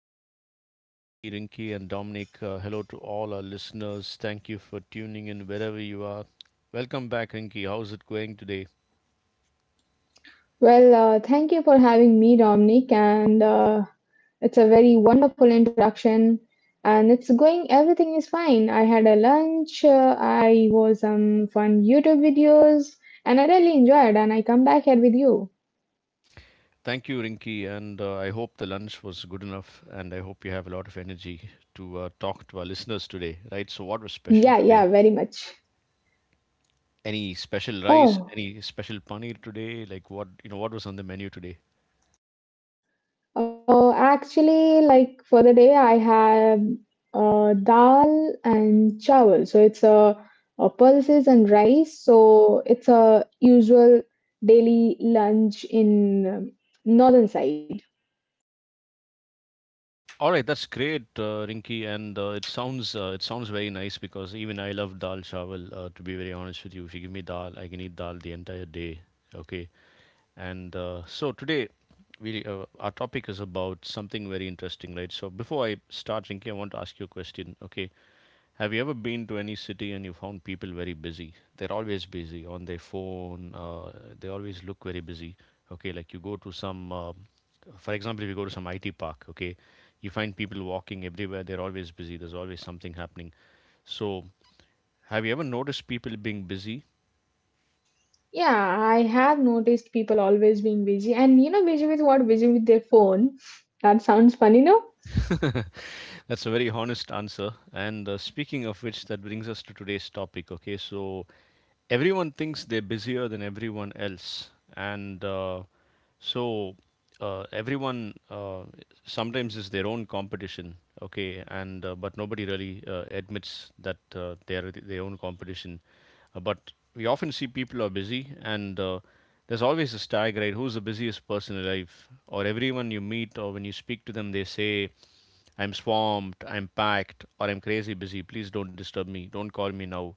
podcast with me, Rinky, and Dominic. Hello to all our listeners. Thank you for tuning in wherever you are. Welcome back, Rinky. How's it going today? Well, thank you for having me, Dominic, and it's a very wonderful introduction. And it's going, everything is fine. I had a lunch, I watched some fun YouTube videos, and I really enjoyed. And I come back here with you. Thank you, Rinky, and I hope the lunch was good enough, and I hope you have a lot of energy to talk to our listeners today, right? So, what was special Yeah, today? yeah, very much. Any special rice? Oh, Any special paneer today? Like what? What was on the menu today? oh, actually, like for the day, I have dal and chawal. So it's a pulses and rice. So it's a usual daily lunch in northern side. All right, that's great, Rinky, and it sounds very nice because even I love dal chawal. To be very honest with you, if you give me dal, I can eat dal the entire day. Okay, and so today, we our topic is about something very interesting, right? So before I start, Rinky, I want to ask you a question. Okay, have you ever been to any city and you found people very busy? They're always busy on their phone. They always look very busy. Okay, like you go to some for example, if you go to some IT park, okay, you find people walking everywhere. They're always busy. There's always something happening. So, have you ever noticed people being busy? Yeah, I have noticed people always being busy, and you know, busy with what? Busy with their phone. That sounds funny, no? That's a very honest answer. And speaking of which, that brings us to today's topic. Okay, so everyone thinks they're busier than everyone else, and so everyone sometimes is their own competition. Okay, and but nobody really admits that they are their own competition. But we often see people are busy, and there's always this tag, right? Who's the busiest person alive? Or everyone you meet, or when you speak to them, they say, I'm swamped, I'm packed, or I'm crazy busy. Please don't disturb me. Don't call me now.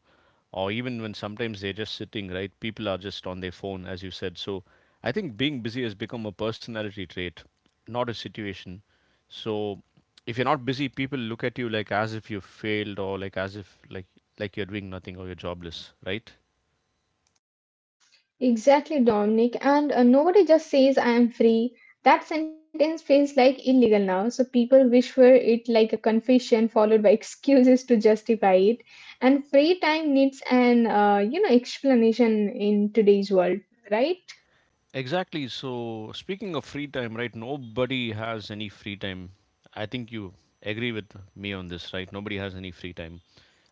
Or even when sometimes they're just sitting, right? People are just on their phone, as you said. So I think being busy has become a personality trait, not a situation. So if you're not busy, people look at you like as if you failed or like as if like you're doing nothing or you're jobless, right? Exactly, Dominic. And nobody just says I am free. That sentence feels like illegal now, so people whisper it like a confession followed by excuses to justify it. And free time needs an you know explanation in today's world, right? Exactly. So, speaking of free time, right? Nobody has any free time. I think you agree with me on this, right? Nobody has any free time.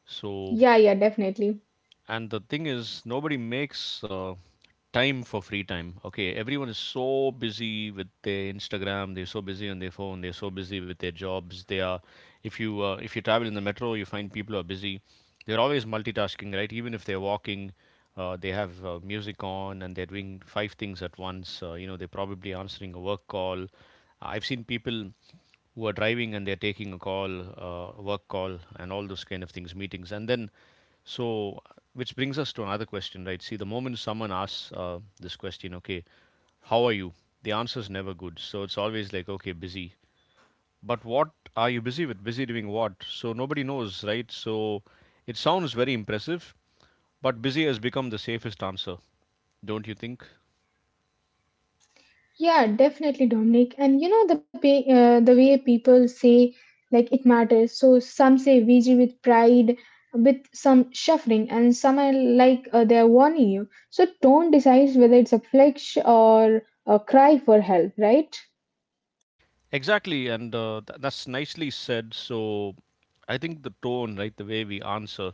So, Yeah, yeah, definitely. and the thing is nobody makes time for free time okay everyone is so busy with their instagram they're so busy on their phone they're so busy with their jobs they are if you travel in the metro you find people are busy they're always multitasking right even if they're walking they have music on and they're doing five things at once you know they're probably answering a work call I've seen people who are driving and they're taking a call, work call, and all those kind of things, meetings, and then so which brings us to another question, right? See, the moment someone asks this question, okay, how are you? The answer is never good. So it's always like, okay, busy. But what are you busy with? Busy doing what? So nobody knows, right? So it sounds very impressive, but busy has become the safest answer, don't you think? Yeah, definitely, Dominic. And you know the pay, the way people say like it matters. So some say VG with pride, with some shuffling, and some are like they're warning you. So tone decides whether it's a flex or a cry for help, right? Exactly, and th- that's nicely said. So I think the tone, right, the way we answer,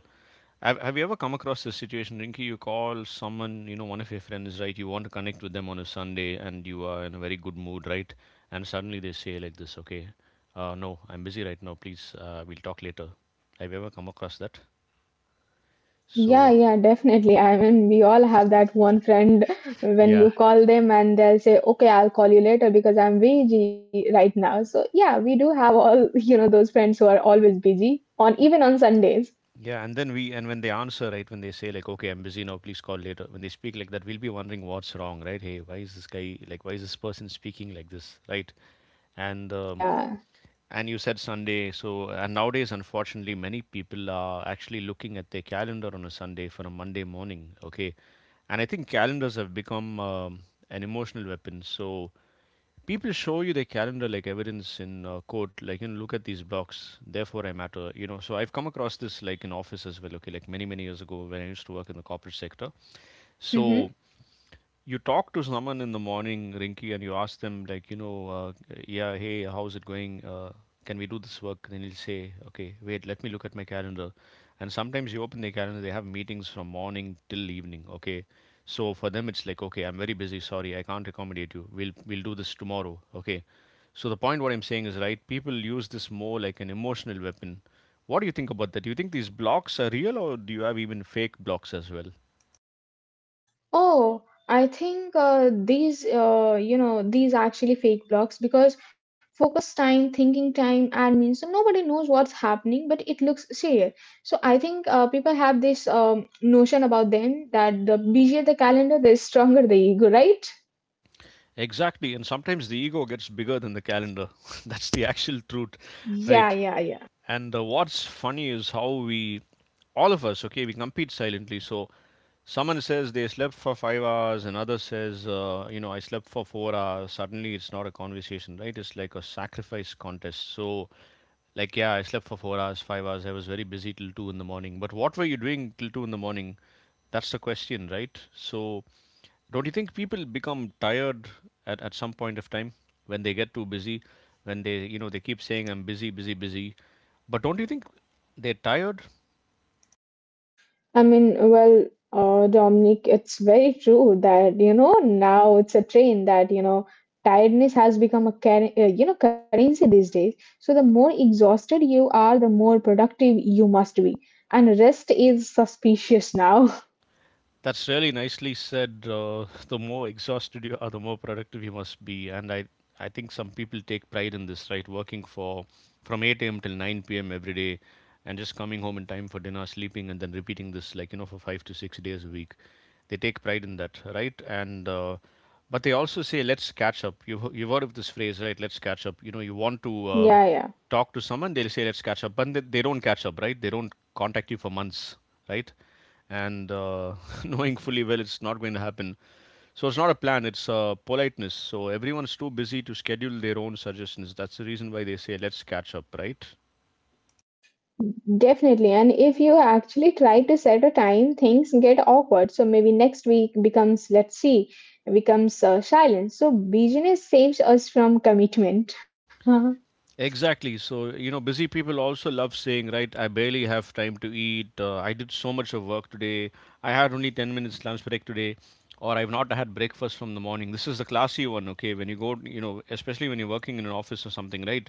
Have you ever come across this situation, Rinky? You call someone, you know, one of your friends, right? You want to connect with them on a Sunday and you are in a very good mood, right? And suddenly they say like this, okay, no, I'm busy right now. Please, we'll talk later. Have you ever come across that? So, Yeah, yeah, definitely. I mean, we all have that one friend when yeah. you call them and they'll say, "Okay, I'll call you later because I'm busy right now." So yeah, we do have all you know those friends who are always busy on even on Sundays. Yeah, and then we and when they answer, right, when they say like, "Okay, I'm busy now, please call later," when they speak like that, we'll be wondering what's wrong, right? Hey, why is this guy like? Why is this person speaking like this, right? And um, Yeah. and you said Sunday, so and nowadays, unfortunately, many people are actually looking at their calendar on a Sunday for a Monday morning. Okay, and I think calendars have become an emotional weapon. So people show you their calendar like evidence in court, like, look at these blocks, therefore I matter, so I've come across this, like, in office as well. Okay, like many many years ago when I used to work in the corporate sector. So Hmm. you talk to someone in the morning, Rinky, and you ask them, like, yeah, hey, how's it going? Can we do this work? Then he'll say, okay, wait, let me look at my calendar. And sometimes you open their calendar, they have meetings from morning till evening, okay? So for them, it's like, okay, I'm very busy. Sorry, I can't accommodate you. We'll do this tomorrow, okay? So the point what I'm saying is, right? People use this more like an emotional weapon. What do you think about that? Do you think these blocks are real, or do you have even fake blocks as well? Oh, I think these, you know, these are actually fake blocks because focus time, thinking time, and means so nobody knows what's happening, but it looks serious. So I think people have this notion about them that the busier the calendar, the stronger the ego, right? Exactly, and sometimes the ego gets bigger than the calendar. That's the actual truth, Yeah, right? yeah, And what's funny is how we, all of us, okay, we compete silently. So someone says they slept for 5 hours, another says, I slept for 4 hours. Suddenly, it's not a conversation, right? It's like a sacrifice contest. So, like, yeah, I slept for 4 hours, 5 hours. I was very busy till two in the morning. But what were you doing till two in the morning? That's the question, right? So, don't you think people become tired at some point of time when they get too busy? When they keep saying, I'm busy, busy, busy. But don't you think they're tired? I mean, well, Dominic, it's very true that, you know, now it's a trend that, you know, tiredness has become a, you know, currency these days. So the more exhausted you are, the more productive you must be. And rest is suspicious now. That's really nicely said. The more exhausted you are, the more productive you must be. And I think some people take pride in this, right? Working for from 8 a.m. till 9 p.m. every day, and just coming home in time for dinner, sleeping, and then repeating this, like, for 5 to 6 days a week. They take pride in that, right? And But they also say, let's catch up. You've heard of this phrase, right? Let's catch up. You know, you want to. Yeah, yeah, Talk to someone, they'll say let's catch up, but they don't catch up, right? They don't contact you for months, right? And knowing fully well it's not going to happen. So it's not a plan, it's politeness. So everyone's too busy to schedule their own suggestions, that's the reason why they say let's catch up, right? definitely. And if you actually try to set a time, things get awkward. So maybe next week becomes, let's see, becomes silence. So busyness saves us from commitment. Hmm. Exactly. So, busy people also love saying, right, I barely have time to eat. I did so much of work today. I had only 10 minutes lunch break today. Or I've not had breakfast from the morning. This is the classy one, okay? When you go, especially when you're working in an office or something, right?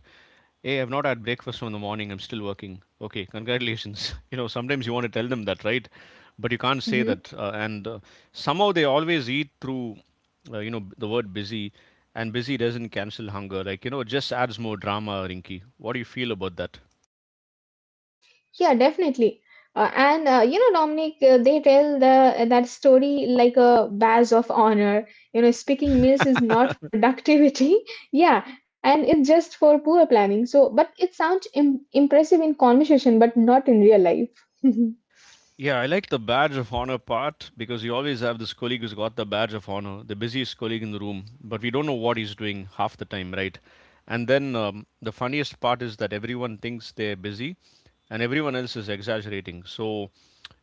Hey, I've not had breakfast from the morning. I'm still working. Okay, congratulations. Sometimes you want to tell them that, right? But you can't say that. And somehow they always eat through, the word busy. And busy doesn't cancel hunger. Like, it just adds more drama, Rinky. What do you feel about that? Yeah, definitely. And you know, Dominic, they tell the that story like a badge of honor. You know, speaking meals is not productivity. Yeah, and it's just for poor planning. So, but it sounds Im impressive in conversation, but not in real life. Yeah, I like the badge of honor part because you always have this colleague who's got the badge of honor, the busiest colleague in the room, but we don't know what he's doing half the time, right? And then the funniest part is that everyone thinks they're busy and everyone else is exaggerating. So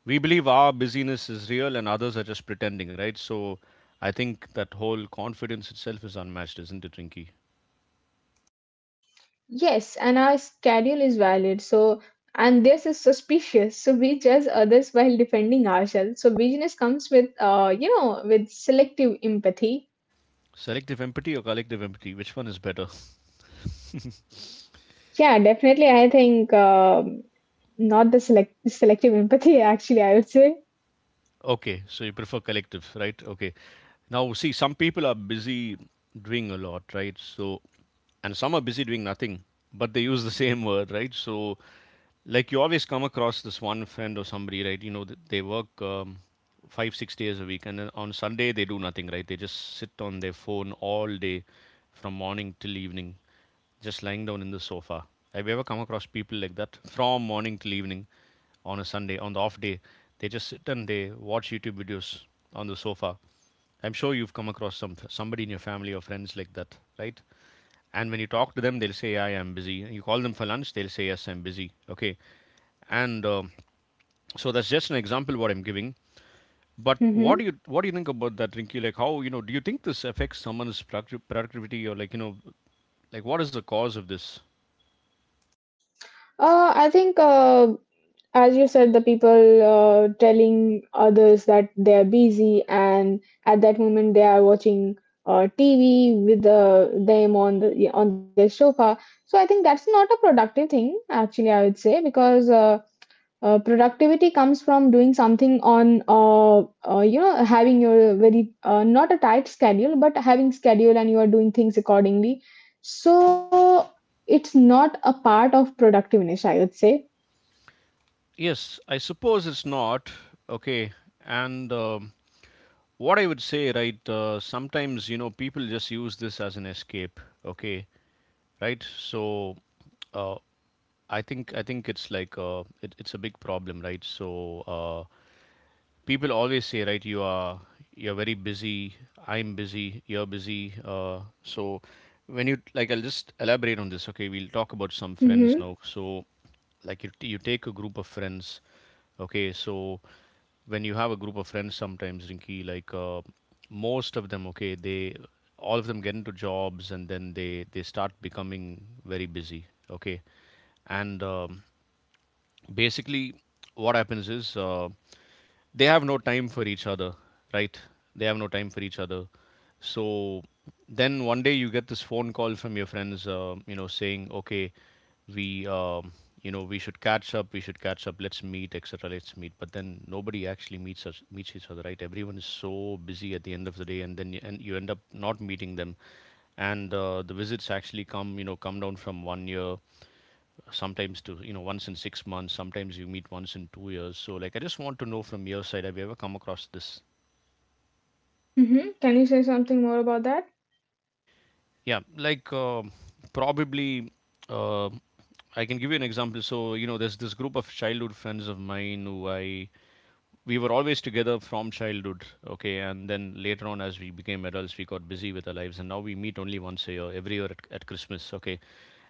we believe our busyness is real and others are just pretending, right? So I think that whole confidence itself is unmatched, isn't it, Rinky? Yes, and our schedule is valid. So, and this is suspicious. So we judge others while defending ourselves. So business comes with, you know, with selective empathy. Selective empathy or collective empathy? Which one is better? Yeah, definitely. I think not the selective empathy. Actually, I would say. Okay, so you prefer collective, right? Okay. Now, see, some people are busy doing a lot, right? So, and some are busy doing nothing, but they use the same word, right? So, like you always come across this one friend or somebody, right? They work 5, 6 days a week, and then on Sunday they do nothing, right? They just sit on their phone all day from morning till evening just lying down in the sofa. Have you ever come across people like that from morning till evening on a Sunday, on the off day? They just sit and they watch YouTube videos on the sofa. I'm sure you've come across somebody in your family or friends like that, right? And when you talk to them, they'll say, "I am busy." You call them for lunch, they'll say, "Yes, I'm busy." Okay, and so that's just an example what I'm giving. But Hmm. what do you think about that, Rinky? Like, how? Do you think this affects someone's productivity, or like like what is the cause of this? I think as you said, the people telling others that they are busy, and at that moment they are watching TV with the, them on the on their sofa. So I think that's not a productive thing, actually. I would say because productivity comes from doing something on you know having your very not a tight schedule but having schedule and you are doing things accordingly, so it's not a part of productiveness I would say. Yes, I suppose it's not. Okay. And What I would say, right, sometimes, people just use this as an escape. Okay. Right. So uh, I think it's like it's a big problem, right? So people always say, right, you're very busy. I'm busy, you're busy, so when you, like, I'll just elaborate on this. Okay, we'll talk about some friends Hmm. now. So, like you take a group of friends. Okay, so when you have a group of friends sometimes, Rinky, like, most of them, okay, they, all of them get into jobs and then they start becoming very busy. Okay, and basically what happens is, they have no time for each other, right? They have no time for each other. So then one day you get this phone call from your friends, saying, okay, we you know we should catch up, we should catch up, let's meet, etc. Let's meet, but then nobody actually meets us meets each other, right? Everyone is so busy at the end of the day, and then you end up not meeting them. And the visits actually come, come down from one year sometimes to, once in 6 months, sometimes you meet once in 2 years. So, like, I just want to know from your side, have you ever come across this? Hmm. Can you say something more about that? Yeah, probably uh, I can give you an example. So, you know, there's this group of childhood friends of mine who I we were always together from childhood. Okay, and then later on, as we became adults, we got busy with our lives, and now we meet only once a year, every year at Christmas. Okay,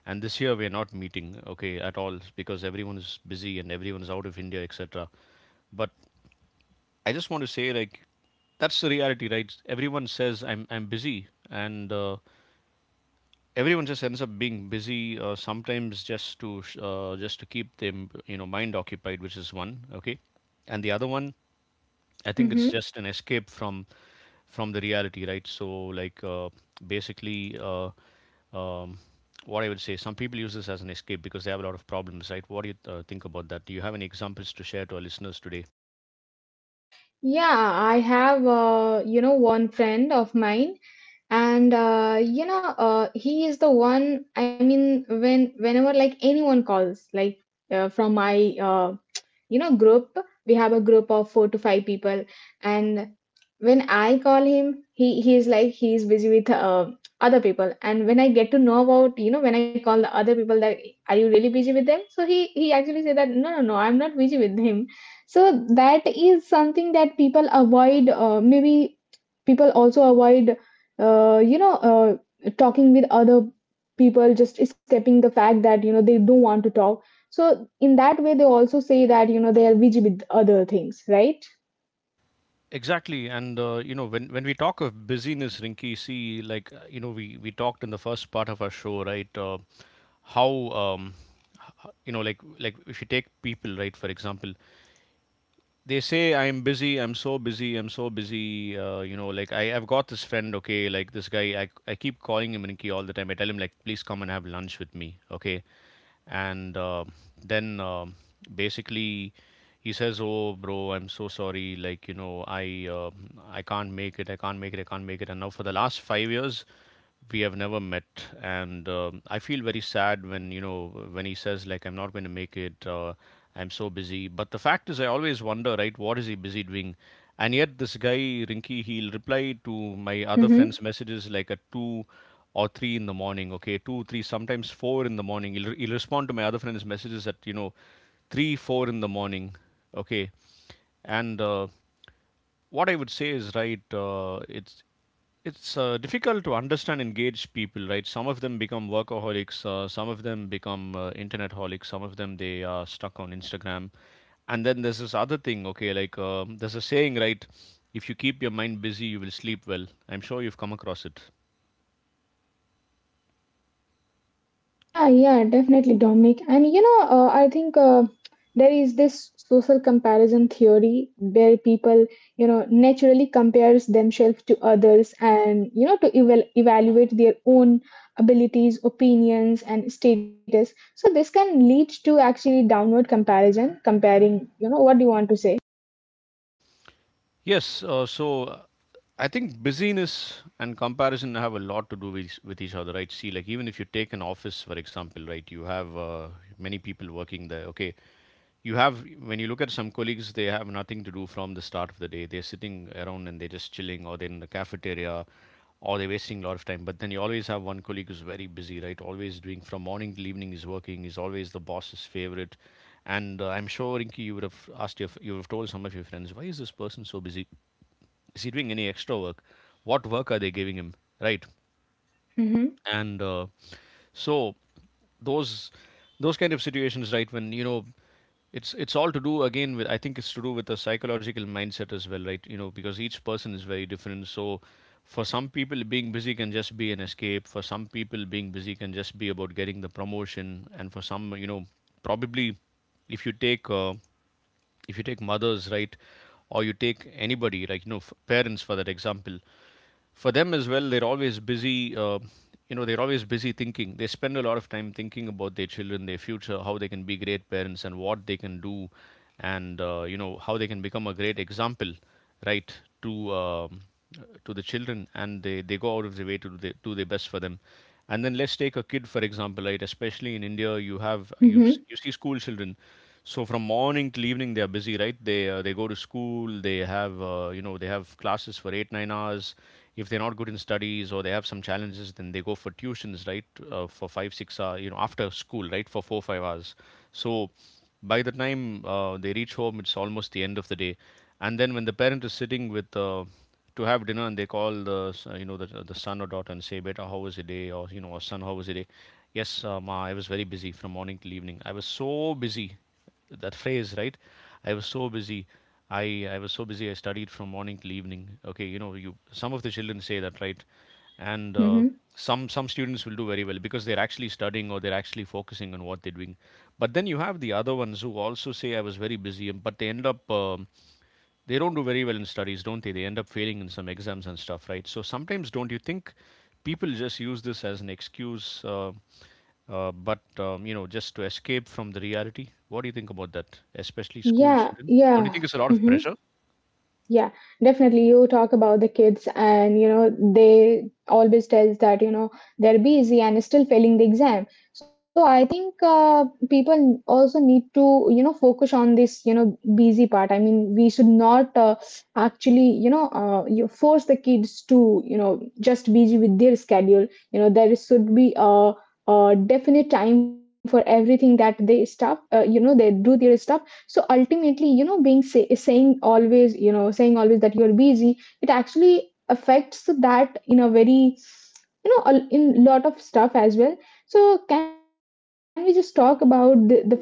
and this year we're not meeting, okay, at all, because everyone is busy and everyone's out of India, etc. But I just want to say, like, that's the reality, right? Everyone says I'm busy, and everyone just ends up being busy, sometimes just to just to keep them, you know, mind occupied, which is one. Okay, and the other one, I think it's Hmm. just an escape from the reality, right? So like basically. Um, what I would say, some people use this as an escape because they have a lot of problems, right? What do you think about that? Do you have any examples to share to our listeners today? Yeah, I have, you know, one friend of mine, and you know, he is the one. I mean, when whenever like anyone calls, like from my you know group, we have a group of four to five people, and when I call him he's like he's busy with other people, and when I get to know about, you know, when I call the other people that, are you really busy with them? So he actually say that no, no, no, I'm not busy with him. So that is something that people avoid, maybe people also avoid you know talking with other people, just escaping the fact that you know they don't want to talk. So in that way they also say that you know they are busy with other things, right? Exactly, and when we talk of busyness, Rinky, see, like, we talked in the first part of our show, right? How um, you know like if you take people, right, for example, they say I'm busy, I'm so busy, I'm so busy, like I've got this friend. Okay, like this guy, I keep calling him, Rinky, all the time. I tell him, like, please come and have lunch with me. Okay, and then basically he says, oh bro, I'm so sorry, like, you know, I can't make it, I can't make it, I can't make it. And now for the last 5 years we have never met, and I feel very sad when, you know, when he says, like, I'm not going to make it, I'm so busy. But the fact is, I always wonder, right, what is he busy doing? And yet this guy, Rinky, he'll reply to my other Mm-hmm. friends' messages like at 2 or 3 in the morning. Okay, 2 3, sometimes 4 in the morning, he'll respond to my other friends' messages at, you know, 3 4 in the morning. Okay, and what I would say is, right, it's difficult to understand and gauge people, right? Some of them become workaholics. Some of them become internet holics. Some of them, they are stuck on Instagram. And then there's this other thing. Okay, like, there's a saying, right? If you keep your mind busy, you will sleep well. I'm sure you've come across it. Yeah, yeah, definitely, Dominic. And you know, I think there is this social comparison theory where people, you know, naturally compares themselves to others, and you know, to evaluate their own abilities, opinions and status. So this can lead to actually downward comparison comparing, you know, what do you want to say? Yes. Uh, I think busyness and comparison have a lot to do with each other, right? See, like, even if you take an office, for example, right, you have many people working there. Okay, you have when you look at some colleagues, they have nothing to do. From the start of the day, they're sitting around and they're just chilling, or they're in the cafeteria, or they're wasting a lot of time. But then you always have one colleague who's very busy, right, always doing, from morning till evening is working, is always the boss's favorite. And I'm sure, Rinki, you would have asked your, you would have told some of your friends, why is this person so busy? Is he doing any extra work? What work are they giving him, right? Mm-hmm. And so those those kind of situations, right, when, you know, it's all to do again with, I think it's to do with the psychological mindset as well, right? You know, because each person is very different. So for some people being busy can just be an escape, for some people being busy can just be about getting the promotion, and for some, you know, probably, if you take mothers, right, or you take anybody, like, you know, parents, for that example, for them as well, they're always busy. They're always busy thinking, they spend a lot of time thinking about their children, their future, how they can be great parents and what they can do. And how they can become a great example, right, to um, to the children, and they go out of their way to do do their best for them. And then let's take a kid, for example, right, especially in India. You have you Mm-hmm. You see school children. So from morning till evening they are busy, right? They they go to school, they have, they have classes for 8 9 hours. If they're not good in studies or they have some challenges, then they go for tuitions, right, for 5 6 hours, you know, after school, right, for 4 5 hours. So by the time they reach home, it's almost the end of the day. And then when the parent is sitting with, to have dinner, and they call the s- the son, or daughter and say beta, how was your day, or, you know, or son, how was your day? Yes, ma, I was very busy, from morning till evening I was so busy. That phrase, right? I was so busy, i I was so busy, I studied from morning till evening. Okay, you know, you some of the children say that, right? And Mm-hmm. Some students will do very well because they're actually studying or they're actually focusing on what they're doing. But then you have the other ones who also say I was very busy, but they end up, they don't do very well in studies, don't they? They end up failing in some exams and stuff, right? So sometimes, don't you think people just use this as an excuse? Just to escape from the reality. What do you think about that, especially school Yeah, children? Don't you yeah. think it's a lot of pressure? Yeah, definitely. You talk about the kids, and you know they always tells that you know they're busy and still failing the exam. So I think people also need to, you know, focus on this, you know, busy part. I mean, we should not actually, you know, you force the kids to you know just busy with their schedule. You know there should be a definite time for everything that they stop. You know they do their stuff, so ultimately, you know, being saying always, you know, saying always that you're busy, it actually affects that in a very, you know, in lot of stuff as well. So can we just talk about the fact that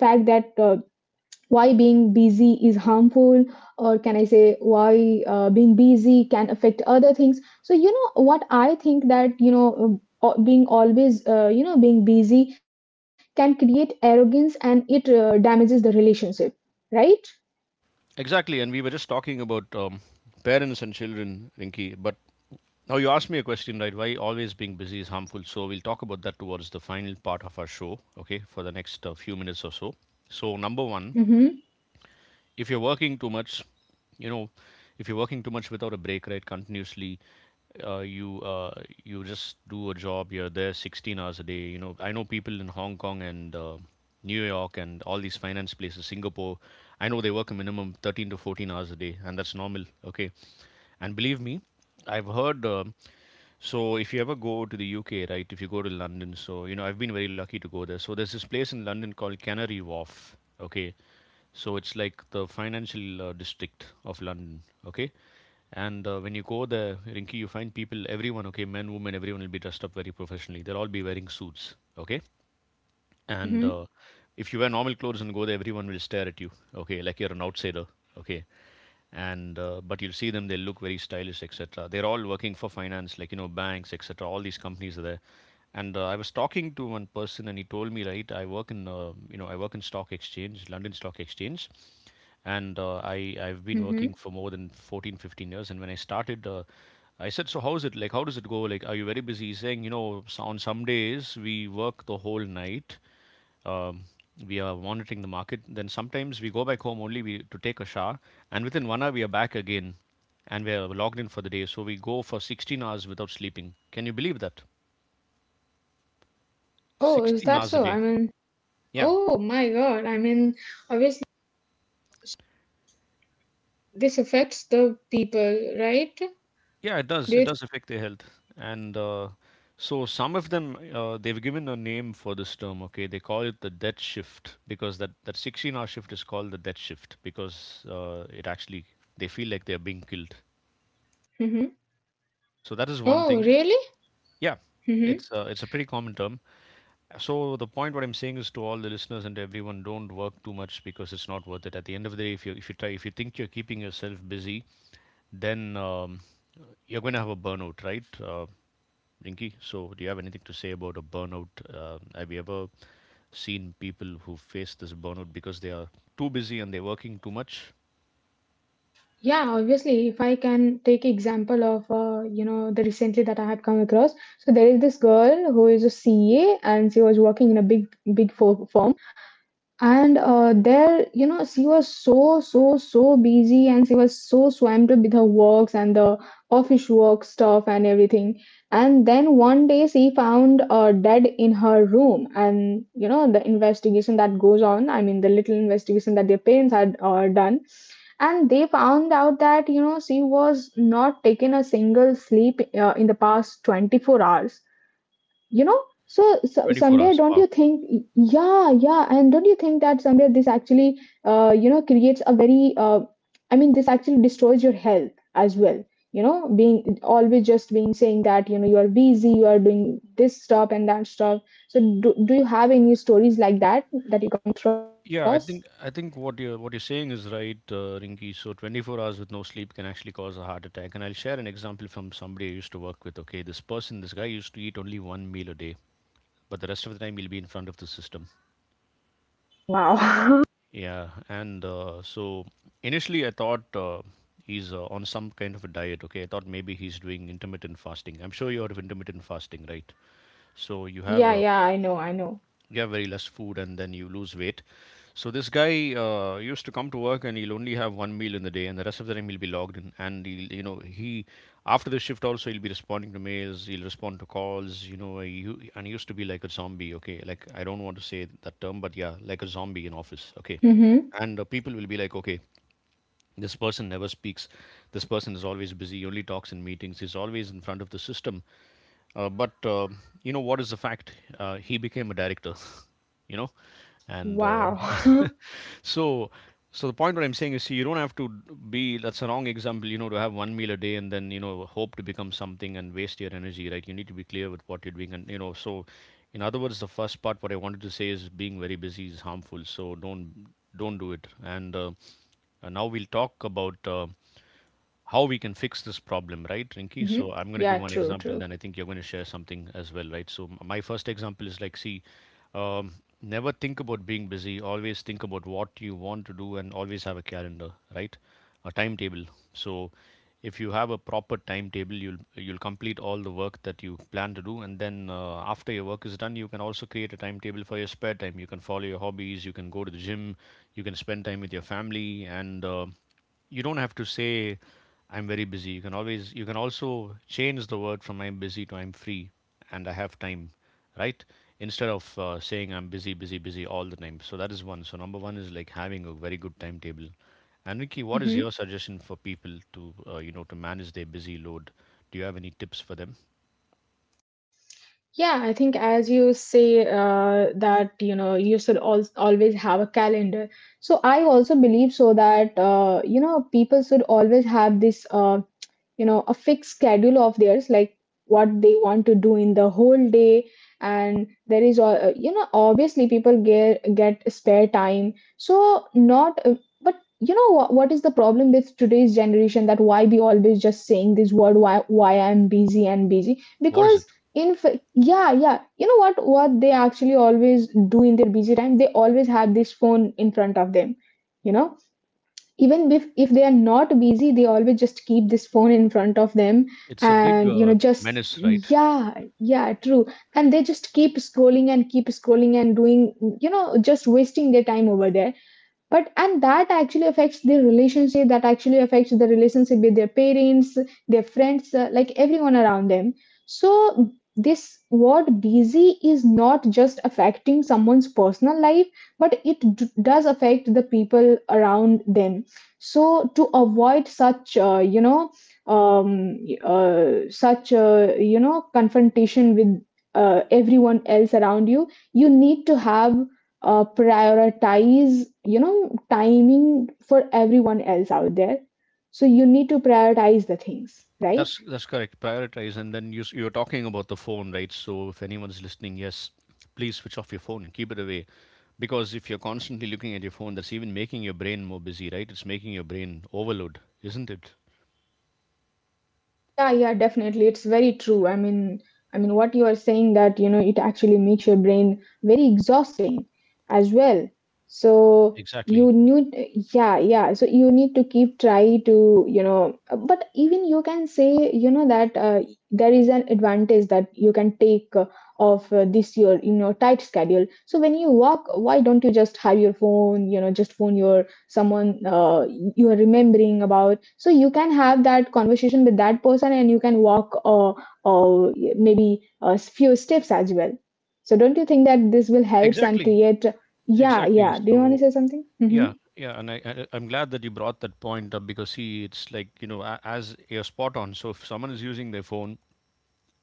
why being busy is harmful, or can I say why being busy can affect other things? So you know what I think, that you know, being always you know being busy can create arrogance and it damages the relationship, right? Exactly, and we were just talking about, parents and children, Rinki. But now you asked me a question, right? Why always being busy is harmful. So we'll talk about that towards the final part of our show, okay, for the next few minutes or so. So, number one, Mm-hmm. if you're working too much, you know, if you're working too much without a break, right, continuously, you just do a job, you're there 16 hours a day. You know, I know people in Hong Kong and New York and all these finance places, Singapore, I know they work a minimum 13 to 14 hours a day, and that's normal. Okay, and believe me, I've heard, so if you ever go to the UK, right, if you go to London, so, you know, I've been very lucky to go there. So there's this place in London called Canary Wharf. Okay, so it's like the financial district of London. Okay. And when you go there, Rinki, you find people, everyone, okay, men, women, everyone will be dressed up very professionally. They'll all be wearing suits. Okay. And Mm-hmm. if you wear normal clothes and go there, everyone will stare at you, okay, like you're an outsider. Okay. And but you'll see them, they look very stylish, etc. They're all working for finance, like, you know, banks, etc. All these companies are there. And I was talking to one person and he told me, right, I work in you know, I work in stock exchange, London Stock Exchange. And I've been working Mm-hmm. for more than 14, 15 years. And when I started I said, so how's it like? How does it go? Like, are you very busy? He's saying, you know, so on some days we work the whole night, um, we are monitoring the market. Then sometimes we go back home only we, to take a shower, and within 1 hour we are back again, and we are logged in for the day. So we go for 16 hours without sleeping. Can you believe that? Oh, is 16 that hours a so? day. I mean, Yeah, oh my God. I mean, obviously, uh, this affects the people, right? yeah, it Do does. It you— does affect their health. And so some of them they've given a name for this term. Okay, they call it the death shift because that 16-hour shift is called the death shift because it actually, they feel like they are being killed. Mm-hmm. So that is one Oh, thing. really? Yeah, Mm-hmm. It's a pretty common term. So the point what I'm saying is to all the listeners and everyone, don't work too much because it's not worth it. At the end of the day, if you try, if you think you're keeping yourself busy, then you're going to have a burnout, right, Rinky? So do you have anything to say about a burnout? Have you ever seen people who face this burnout because they are too busy and they're working too much? Yeah, obviously, if I can take example of, you know, the recently that I had come across. So there is this girl who is a C A and she was working in a big, firm. And there, you know, she was so, so, so busy and she was so swamped with her works and the office work stuff and everything. And then one day she found dead in her room. And, you know, the investigation that goes on, I mean, the little investigation that their parents had done. And they found out that, you know, she was not taken a single sleep in the past 24 hours. You know, so, so 24 somewhere hours. don't Wow. you think? Yeah, yeah. And don't you think that somewhere this actually you know creates a very I mean this actually destroys your health as well. You know, being always just being saying that you know you are busy, you are doing this stuff and that stuff. So do you have any stories like that that you come across? Yeah, I think what you're saying is right, Rinki. So 24 hours with no sleep can actually cause a heart attack. And I'll share an example from somebody I used to work with. Okay, this person, this guy used to eat only one meal a day, but the rest of the time he'll be in front of the system. Wow. Yeah, and so initially I thought he's on some kind of a diet. Okay, I thought maybe he's doing intermittent fasting. I'm sure you heard of intermittent fasting, right? So you have Yeah, yeah, I know, I know. you have very less food and then you lose weight. So this guy used to come to work and he'll only have one meal in the day, and the rest of the time he'll be logged in, and he'll, you know, he, after the shift also he'll be responding to mails, he'll respond to calls, you know, and he used to be like a zombie, okay, like I don't want to say that term, but yeah, like a zombie in office. Okay. Mm-hmm. And people will be like, okay, this person never speaks. This person is always busy, only talks in meetings. He's always in front of the system. But you know what is the fact? He became a director, you know, and Wow. Hmm. so, so the point what I'm saying is, see, you don't have to be. That's a wrong example, you know, to have one meal a day and then, you know, hope to become something and waste your energy, right? You need to be clear with what you're doing, and you know. So, in other words, the first part what I wanted to say is being very busy is harmful. So don't do it and. Now we'll talk about how we can fix this problem, right, Rinky? So I'm going to Yeah, give one true. example, then I think you're going to share something as well, right? So my first example is like, see, um, never think about being busy. Always think about what you want to do, and always have a calendar, right? A timetable. So if you have a proper timetable, you'll complete all the work that you plan to do, and then after your work is done, you can also create a timetable for your spare time. You can follow your hobbies. You can go to the gym, you can spend time with your family, and you don't have to say I'm very busy. You can always, you can also change the word from I'm busy to I'm free and I have time, right? Instead of saying I'm busy, busy, busy all the time. So that is one. So number one is like having a very good timetable. And Vicky, what is Mm-hmm. your suggestion for people to you know, to manage their busy load? Do you have any tips for them? Yeah, I think as you say that you know you should always have a calendar. So I also believe so that you know people should always have this you know a fixed schedule of theirs, like what they want to do in the whole day. And there is a, you know, obviously people get spare time, so not but you know what is the problem with today's generation that why be always just saying this word, why I'm busy and busy? What is it? Because yeah, yeah, you know what they actually always do in their busy time, they always have this phone in front of them, you know. Even if they are not busy they always just keep this phone in front of them. It's a big And you know, just, menace, right? yeah, yeah, true. And they just keep scrolling and doing, you know, just wasting their time over there. But and that actually affects their relationship, that actually affects the relationship with their parents, their friends, like everyone around them. So this word busy is not just affecting someone's personal life, but it does affect the people around them. So to avoid such, you know, um, such, you know, confrontation with everyone else around you, you need to have prioritize, you know, timing for everyone else out there. So you need to prioritize the things, right? That's correct. Prioritize, and then you're talking about the phone, right? So if anyone's listening, yes, please switch off your phone, keep it away, because if you're constantly looking at your phone, that's even making your brain more busy, right? It's making your brain overload, isn't it? Yeah, yeah, definitely. It's very true. I mean, I mean what you are saying, that you know it actually makes your brain very exhausted as well. So Exactly, you need— Yeah, yeah, so you need to keep try to, you know, but even you can say, you know, that there is an advantage that you can take of this year in your tight schedule. So when you walk, why don't you just have your phone, you know, just phone your someone you are remembering about, so you can have that conversation with that person and you can walk, uh, maybe a few steps as well. So don't you think that this will help and exactly, create— Yeah, exactly. yeah. Do you want to So say something? Mm-hmm. yeah, yeah, and I'm glad that you brought that point up because, see, it's like, you know, as you're spot on. So if someone is using their phone,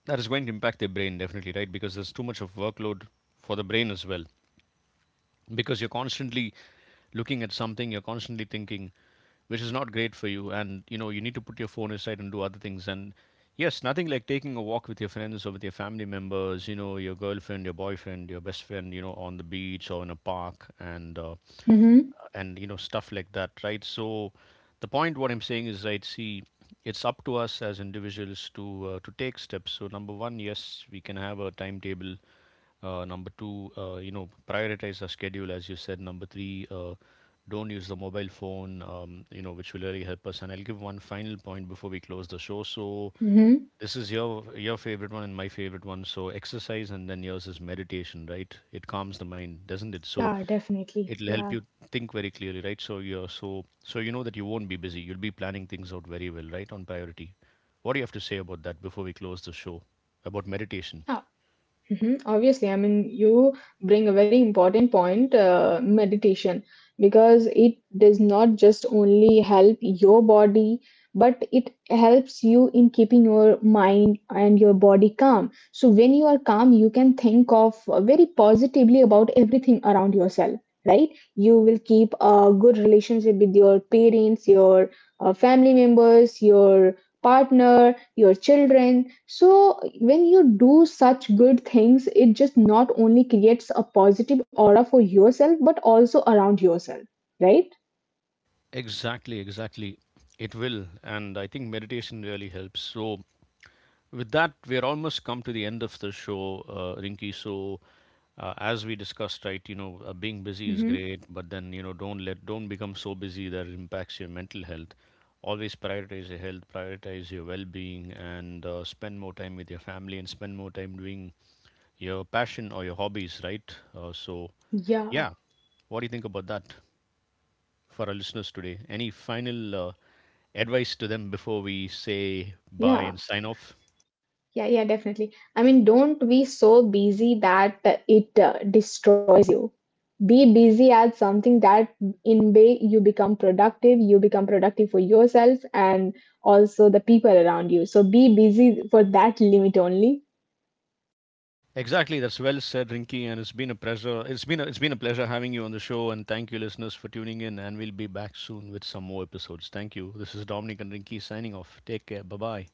that is going to impact their brain definitely, right? Because there's too much of workload for the brain as well, because you're constantly looking at something, you're constantly thinking, which is not great for you. And you know, you need to put your phone aside and do other things. And yes, nothing like taking a walk with your friends or with your family members, you know, your girlfriend, your boyfriend, your best friend, you know, on the beach or in a park, Mm-hmm. and you know, stuff like that, right? So the point what I'm saying is, right, see, it's up to us as individuals to take steps. So number one, yes, we can have a timetable. Uh, number two, you know, prioritize a schedule, as you said. Number three, don't use the mobile phone, you know, which will really help us. And I'll give one final point before we close the show. So Mm-hmm. this is your favorite one and my favorite one. So exercise, and then yours is meditation, right? It calms the mind, doesn't it? Yeah, So definitely. it'll help Yeah. you think very clearly, right? So you're so, so you know that you won't be busy. You'll be planning things out very well, right? On priority. What do you have to say about that before we close the show? About meditation. Yeah. Mhm. Obviously, I mean, you bring a very important point, meditation, because it does not just only help your body, but it helps you in keeping your mind and your body calm. So when you are calm, you can think of very positively about everything around yourself, right? You will keep a good relationship with your parents, your family members, your partner, your children. So when you do such good things, it just not only creates a positive aura for yourself, but also around yourself, right? Exactly, exactly. It will. And I think meditation really helps. So, with that, we're almost come to the end of the show, Rinki. So, as we discussed, right, you know, being busy is Mm-hmm. great, but then, you know, don't let, don't become so busy that it impacts your mental health. Always prioritize your health, prioritize your well being, and spend more time with your family and spend more time doing your passion or your hobbies, right? So, Yeah. yeah, what do you think about that for our listeners today? Any final advice to them before we say bye Yeah. and sign off? Yeah, yeah, definitely. I mean, don't be so busy that it destroys you. Be busy at something that in way you become productive for yourself and also the people around you. So be busy for that limit only. Exactly, that's well said, Rinky, and it's been a pleasure. It's been a pleasure having you on the show, and thank you, listeners, for tuning in. And we'll be back soon with some more episodes. Thank you. This is Dominic and Rinky signing off. Take care. Bye bye.